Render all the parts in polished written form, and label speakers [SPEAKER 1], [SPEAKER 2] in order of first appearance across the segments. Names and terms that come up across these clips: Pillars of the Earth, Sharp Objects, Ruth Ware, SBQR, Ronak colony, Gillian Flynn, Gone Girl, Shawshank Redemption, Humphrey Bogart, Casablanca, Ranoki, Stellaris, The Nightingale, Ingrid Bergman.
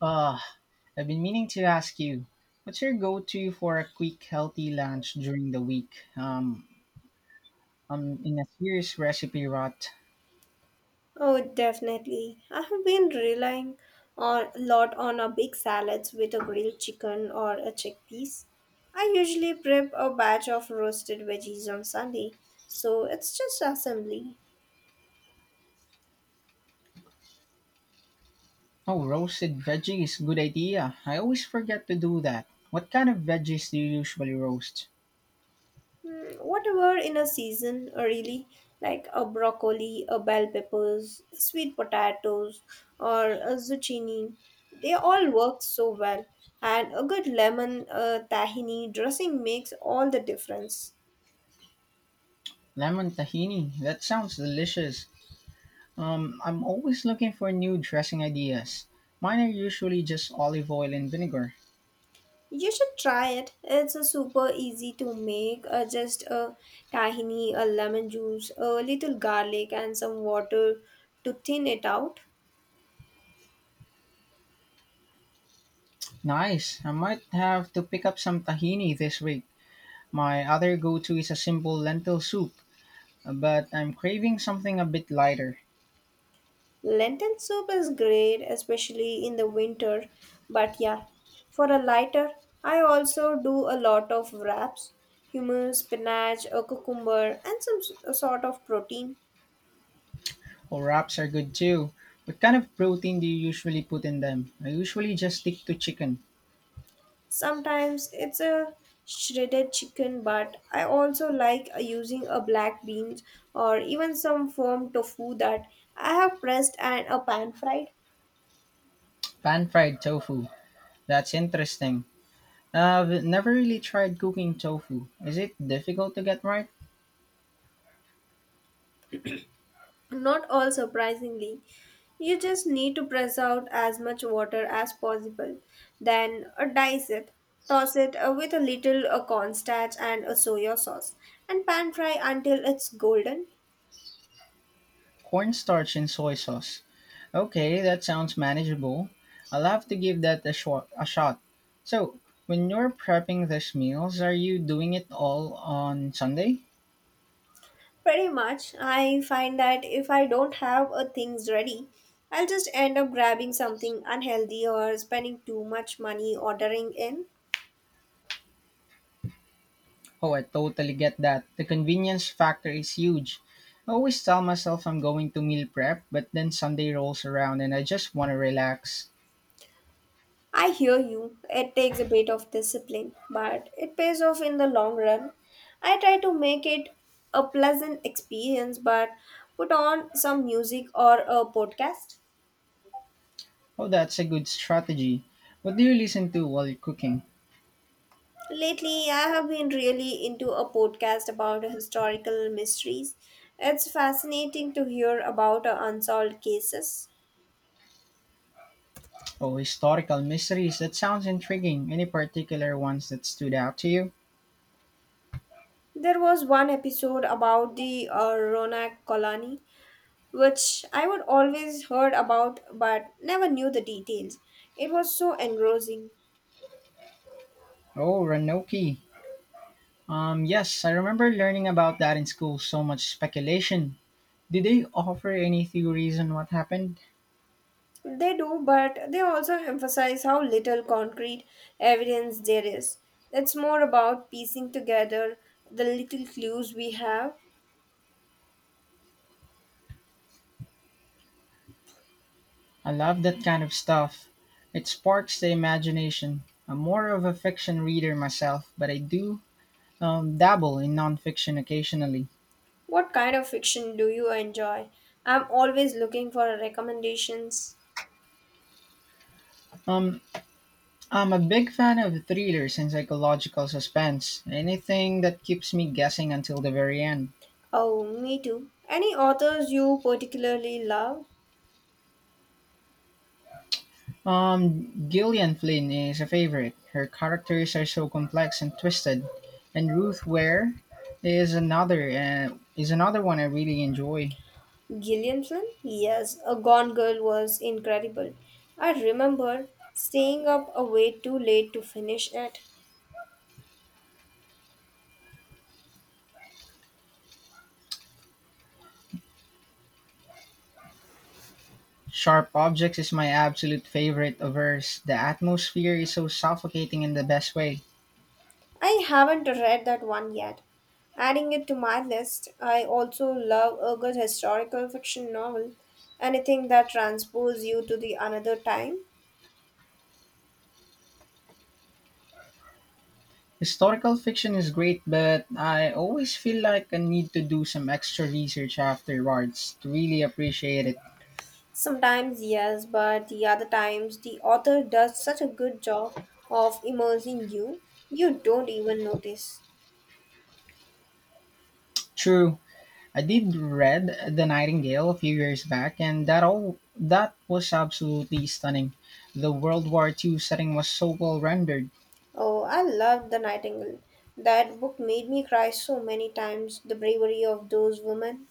[SPEAKER 1] Ah, I've been meaning to ask you, what's your go-to for a quick healthy lunch during the week? I'm in a serious recipe rut.
[SPEAKER 2] Oh, definitely. I have been relying on a lot on a big salads with a grilled chicken or a chickpeas. I usually prep a batch of roasted veggies on Sunday, so it's just assembly.
[SPEAKER 1] Oh, roasted veggies, good idea. I always forget to do that. What kind of veggies do you usually roast?
[SPEAKER 2] Whatever in a season, really, like a broccoli, a bell peppers, sweet potatoes, or a zucchini, they all work so well. And a good lemon tahini dressing makes all the difference.
[SPEAKER 1] Lemon tahini, that sounds delicious. I'm always looking for new dressing ideas. Mine are usually just olive oil and vinegar.
[SPEAKER 2] You should try it. It's a super easy to make. Just a tahini, a lemon juice, a little garlic, and some water to thin it out.
[SPEAKER 1] Nice. I might have to pick up some tahini this week. My other go to is a simple lentil soup, but I'm craving something a bit lighter.
[SPEAKER 2] Lentil soup is great, especially in the winter. But yeah, for a lighter, I also do a lot of wraps, hummus, spinach, a cucumber, and sort of protein.
[SPEAKER 1] Oh, wraps are good too. What kind of protein do you usually put in them? I usually just stick to chicken.
[SPEAKER 2] Sometimes it's a shredded chicken, but I also like using a black beans or even some firm tofu that I have pressed and a pan fried.
[SPEAKER 1] Pan fried tofu. That's interesting. I've never really tried cooking tofu. Is it difficult to get right?
[SPEAKER 2] Not all surprisingly. You just need to press out as much water as possible, then dice it. Toss it with a little cornstarch and a soya sauce and pan fry until it's golden.
[SPEAKER 1] Cornstarch and soy sauce. Okay, that sounds manageable. I'll have to give that a shot. So, when you're prepping these meals, are you doing it all on Sunday?
[SPEAKER 2] Pretty much, I find that if I don't have a things ready, I'll just end up grabbing something unhealthy or spending too much money ordering in.
[SPEAKER 1] Oh, I totally get that. The convenience factor is huge. I always tell myself I'm going to meal prep, but then Sunday rolls around and I just want to relax.
[SPEAKER 2] I hear you, it takes a bit of discipline, but it pays off in the long run. I try to make it a pleasant experience, but put on some music or a podcast.
[SPEAKER 1] Oh, that's a good strategy. What do you listen to while you're cooking?
[SPEAKER 2] Lately, I have been really into a podcast about historical mysteries. It's fascinating to hear about unsolved cases.
[SPEAKER 1] Oh, historical mysteries. That sounds intriguing. Any particular ones that stood out to you?
[SPEAKER 2] There was one episode about the Ronak colony, which I would always heard about but never knew the details. It was so engrossing.
[SPEAKER 1] Oh, Ranoki. Yes, I remember learning about that in school. So much speculation. Did they offer any theories on what happened?
[SPEAKER 2] They do, but they also emphasize how little concrete evidence there is. It's more about piecing together the little clues we have.
[SPEAKER 1] I love that kind of stuff. It sparks the imagination. I'm more of a fiction reader myself, but I do dabble in nonfiction occasionally.
[SPEAKER 2] What kind of fiction do you enjoy? I'm always looking for recommendations.
[SPEAKER 1] Um, I'm a big fan of thrillers and psychological suspense, anything that keeps me guessing until the very end.
[SPEAKER 2] Oh, me too. Any authors you particularly love?
[SPEAKER 1] Gillian Flynn is a favorite. Her characters are so complex and twisted, and Ruth Ware is another one I really enjoy.
[SPEAKER 2] Gillian Flynn? Yes, A Gone Girl was incredible. I remember staying up way too late to finish it.
[SPEAKER 1] Sharp Objects is my absolute favorite of hers. The atmosphere is so suffocating in the best way.
[SPEAKER 2] I haven't read that one yet. Adding it to my list, I also love a good historical fiction novel. Anything that transposes you to the another time?
[SPEAKER 1] Historical fiction is great, but I always feel like I need to do some extra research afterwards to really appreciate it.
[SPEAKER 2] Sometimes, yes, but the other times the author does such a good job of immersing you, you don't even notice.
[SPEAKER 1] True, I did read The Nightingale a few years back, and that was absolutely stunning. The World War Two setting was so well rendered.
[SPEAKER 2] Oh, I loved The Nightingale. That book made me cry so many times, the bravery of those women.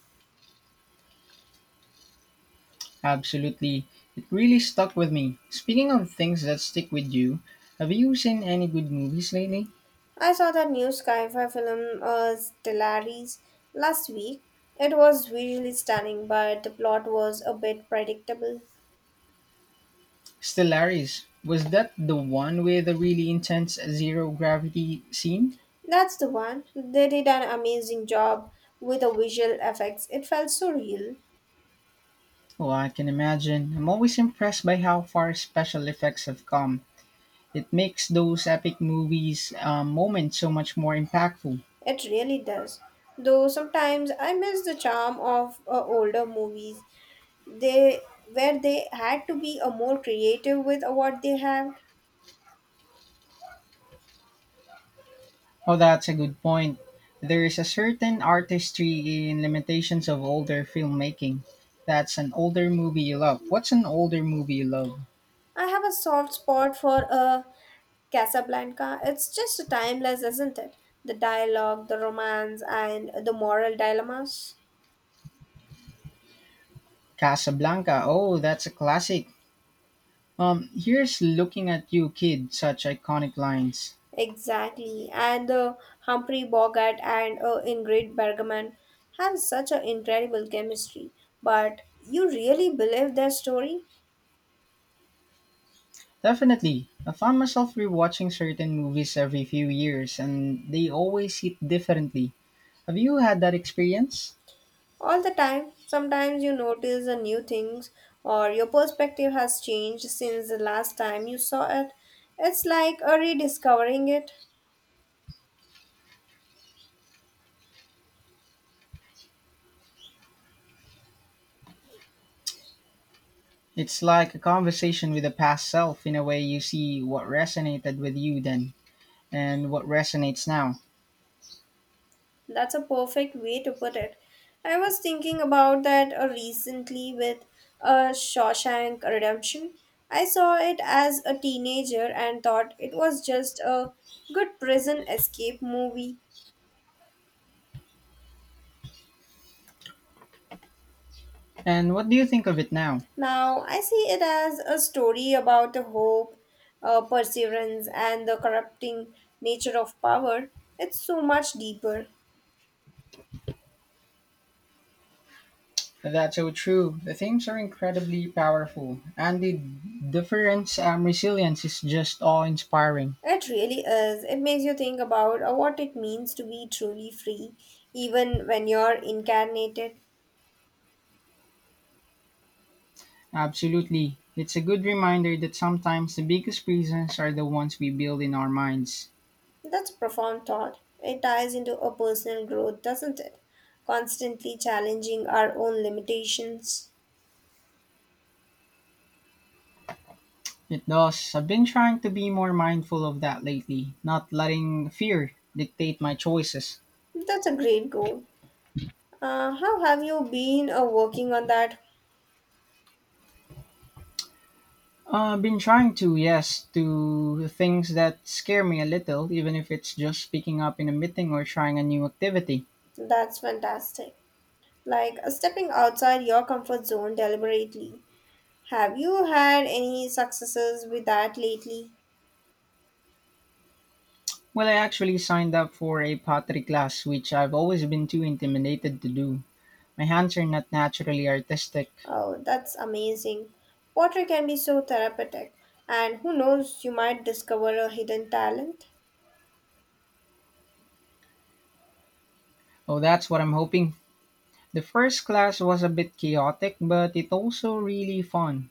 [SPEAKER 1] Absolutely. It really stuck with me. Speaking of things that stick with you, have you seen any good movies lately?
[SPEAKER 2] I saw that new sci-fi film, Stellaris, last week. It was visually stunning, but the plot was a bit predictable.
[SPEAKER 1] Stellaris. Was that the one with the really intense zero gravity scene?
[SPEAKER 2] That's the one. They did an amazing job with the visual effects. It felt so real.
[SPEAKER 1] Oh, I can imagine. I'm always impressed by how far special effects have come. It makes those epic movies moments so much more impactful.
[SPEAKER 2] It really does. Though sometimes I miss the charm of older movies. They Where they had to be a more creative with what they have.
[SPEAKER 1] Oh, that's a good point. There is a certain artistry in limitations of older filmmaking. That's an older movie you love. What's an older movie you love?
[SPEAKER 2] I have a soft spot for Casablanca. It's just timeless, isn't it? The dialogue, the romance, and the moral dilemmas.
[SPEAKER 1] Casablanca. Oh, that's a classic. Here's looking at you, kid. Such iconic lines.
[SPEAKER 2] Exactly. And Humphrey Bogart and Ingrid Bergman have such an incredible chemistry. But you really believe their story?
[SPEAKER 1] Definitely. I find myself rewatching certain movies every few years, and they always hit differently. Have you had that experience?
[SPEAKER 2] All the time, sometimes you notice the new things or your perspective has changed since the last time you saw it. It's like a rediscovering it.
[SPEAKER 1] It's like a conversation with the past self in a way you see what resonated with you then, and what resonates now.
[SPEAKER 2] That's a perfect way to put it. I was thinking about that recently with Shawshank Redemption. I saw it as a teenager and thought it was just a good prison escape movie.
[SPEAKER 1] And what do you think of it now?
[SPEAKER 2] Now, I see it as a story about the hope, perseverance, and the corrupting nature of power. It's so much deeper.
[SPEAKER 1] That's so true. The themes are incredibly powerful, and the difference resilience is just awe inspiring.
[SPEAKER 2] It really is. It makes you think about what it means to be truly free, even when you're incarnated.
[SPEAKER 1] Absolutely. It's a good reminder that sometimes the biggest reasons are the ones we build in our minds.
[SPEAKER 2] That's a profound thought. It ties into a personal growth, doesn't it? Constantly challenging our own limitations.
[SPEAKER 1] It does. I've been trying to be more mindful of that lately, not letting fear dictate my choices.
[SPEAKER 2] That's a great goal. How have you been working on that?
[SPEAKER 1] Been trying to, yes, to things that scare me a little, even if it's just speaking up in a meeting or trying a new activity.
[SPEAKER 2] That's fantastic. Like stepping outside your comfort zone deliberately. Have you had any successes with that lately?
[SPEAKER 1] Well, I actually signed up for a pottery class, which I've always been too intimidated to do. My hands are not naturally artistic.
[SPEAKER 2] Oh, that's amazing. Pottery can be so therapeutic, and who knows, you might discover a hidden talent.
[SPEAKER 1] Oh, that's what I'm hoping. The first class was a bit chaotic, but it also really fun.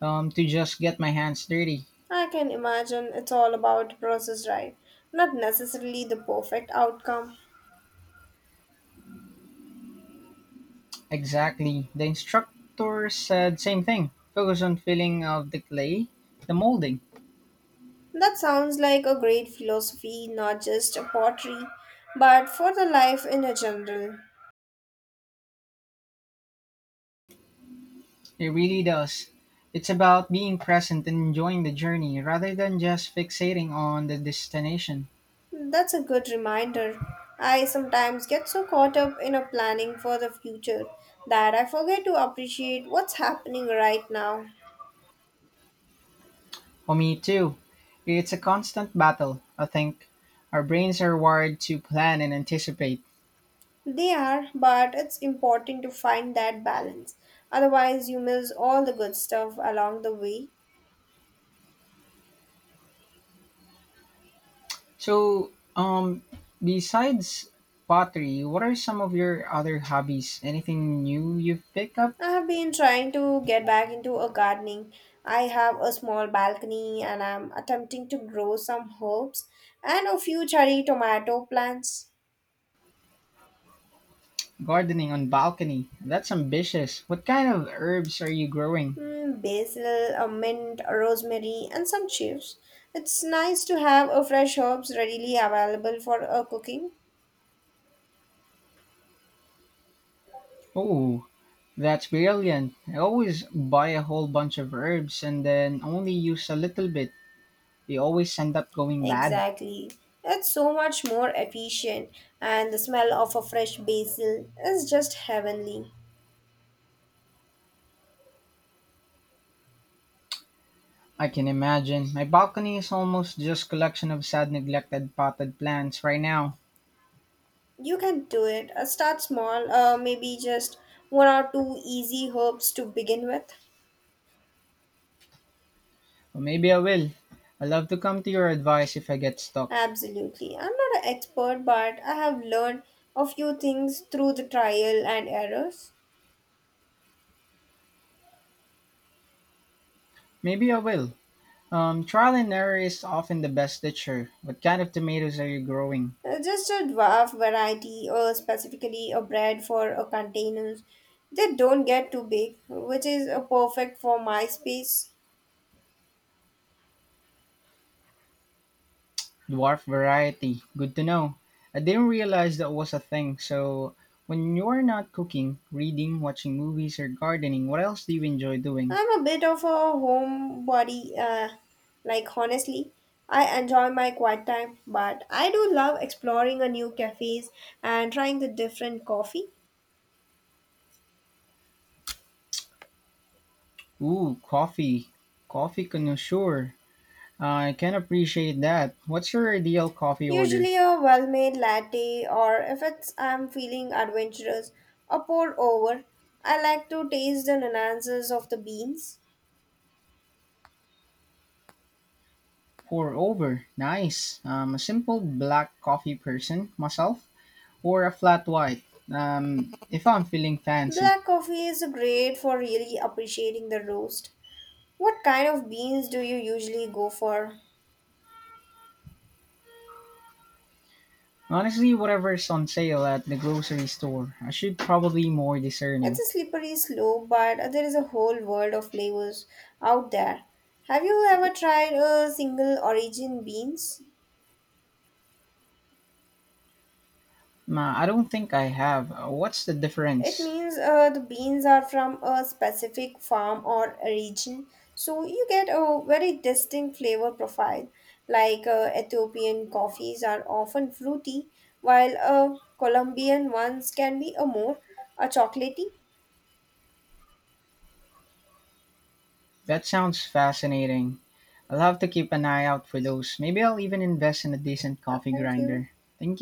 [SPEAKER 1] To just get my hands dirty.
[SPEAKER 2] I can imagine it's all about the process, right? Not necessarily the perfect outcome.
[SPEAKER 1] Exactly. The instructor said same thing. Focus on feeling of the clay, the molding.
[SPEAKER 2] That sounds like a great philosophy, not just a pottery, but for the life in a general.
[SPEAKER 1] It really does. It's about being present and enjoying the journey rather than just fixating on the destination.
[SPEAKER 2] That's a good reminder. I sometimes get so caught up in a planning for the future that I forget to appreciate what's happening right now.
[SPEAKER 1] For me, too, it's a constant battle, I think. Our brains are wired to plan and anticipate.
[SPEAKER 2] They are, but it's important to find that balance. Otherwise, you miss all the good stuff along the way.
[SPEAKER 1] So, besides pottery, what are some of your other hobbies? Anything new you've picked up?
[SPEAKER 2] I have been trying to get back into a gardening. I have a small balcony and I'm attempting to grow some herbs and a few cherry tomato plants.
[SPEAKER 1] Gardening on balcony. That's ambitious. What kind of herbs are you growing?
[SPEAKER 2] Mm, basil, mint, rosemary, and some chives. It's nice to have a fresh herbs readily available for cooking.
[SPEAKER 1] Oh, that's brilliant. I always buy a whole bunch of herbs and then only use a little bit. They always end up going bad.
[SPEAKER 2] Exactly. It's so much more efficient, and the smell of a fresh basil is just heavenly.
[SPEAKER 1] I can imagine. My balcony is almost just collection of sad neglected potted plants right now.
[SPEAKER 2] You can do it. Start small, maybe just one or two easy herbs to begin with.
[SPEAKER 1] Or maybe I will. I love to come to your advice if I get stuck.
[SPEAKER 2] Absolutely. I'm not an expert, but I have learned a few things through the trial and errors.
[SPEAKER 1] Maybe I will. Trial and error is often the best teacher. What kind of tomatoes are you growing?
[SPEAKER 2] Just a dwarf variety or specifically a bread for a containers. They don't get too big, which is perfect for my space.
[SPEAKER 1] Dwarf variety. Good to know. I didn't realize that was a thing. So, when you're not cooking, reading, watching movies, or gardening, what else do you enjoy doing?
[SPEAKER 2] I'm a bit of a homebody, like honestly. I enjoy my quiet time, but I do love exploring a new cafes and trying the different coffee.
[SPEAKER 1] Ooh, coffee. Coffee connoisseur. I can appreciate that. What's your ideal coffee order?
[SPEAKER 2] Usually a well-made latte or if it's I'm feeling adventurous, a pour over. I like to taste the nuances of the beans.
[SPEAKER 1] Pour over. Nice. A simple black coffee person, myself, or a flat white. If I'm feeling fancy.
[SPEAKER 2] Black coffee is great for really appreciating the roast. What kind of beans do you usually go for?
[SPEAKER 1] Honestly, whatever's on sale at the grocery store. I should probably be more
[SPEAKER 2] It's
[SPEAKER 1] discerning.
[SPEAKER 2] a slippery slope, but there is a whole world of flavors out there. Have you ever tried a single origin beans?
[SPEAKER 1] Ma, I don't think I have. What's the
[SPEAKER 2] It
[SPEAKER 1] difference?
[SPEAKER 2] means the beans are from a specific farm or a region, so you get a very distinct flavor profile. Like Ethiopian coffees are often fruity, while Colombian ones can be a more a chocolatey.
[SPEAKER 1] That sounds fascinating. I'll have to keep an eye out for those. Maybe I'll even invest in a decent
[SPEAKER 2] Yeah,
[SPEAKER 1] coffee
[SPEAKER 2] thank you.
[SPEAKER 1] grinder. Thank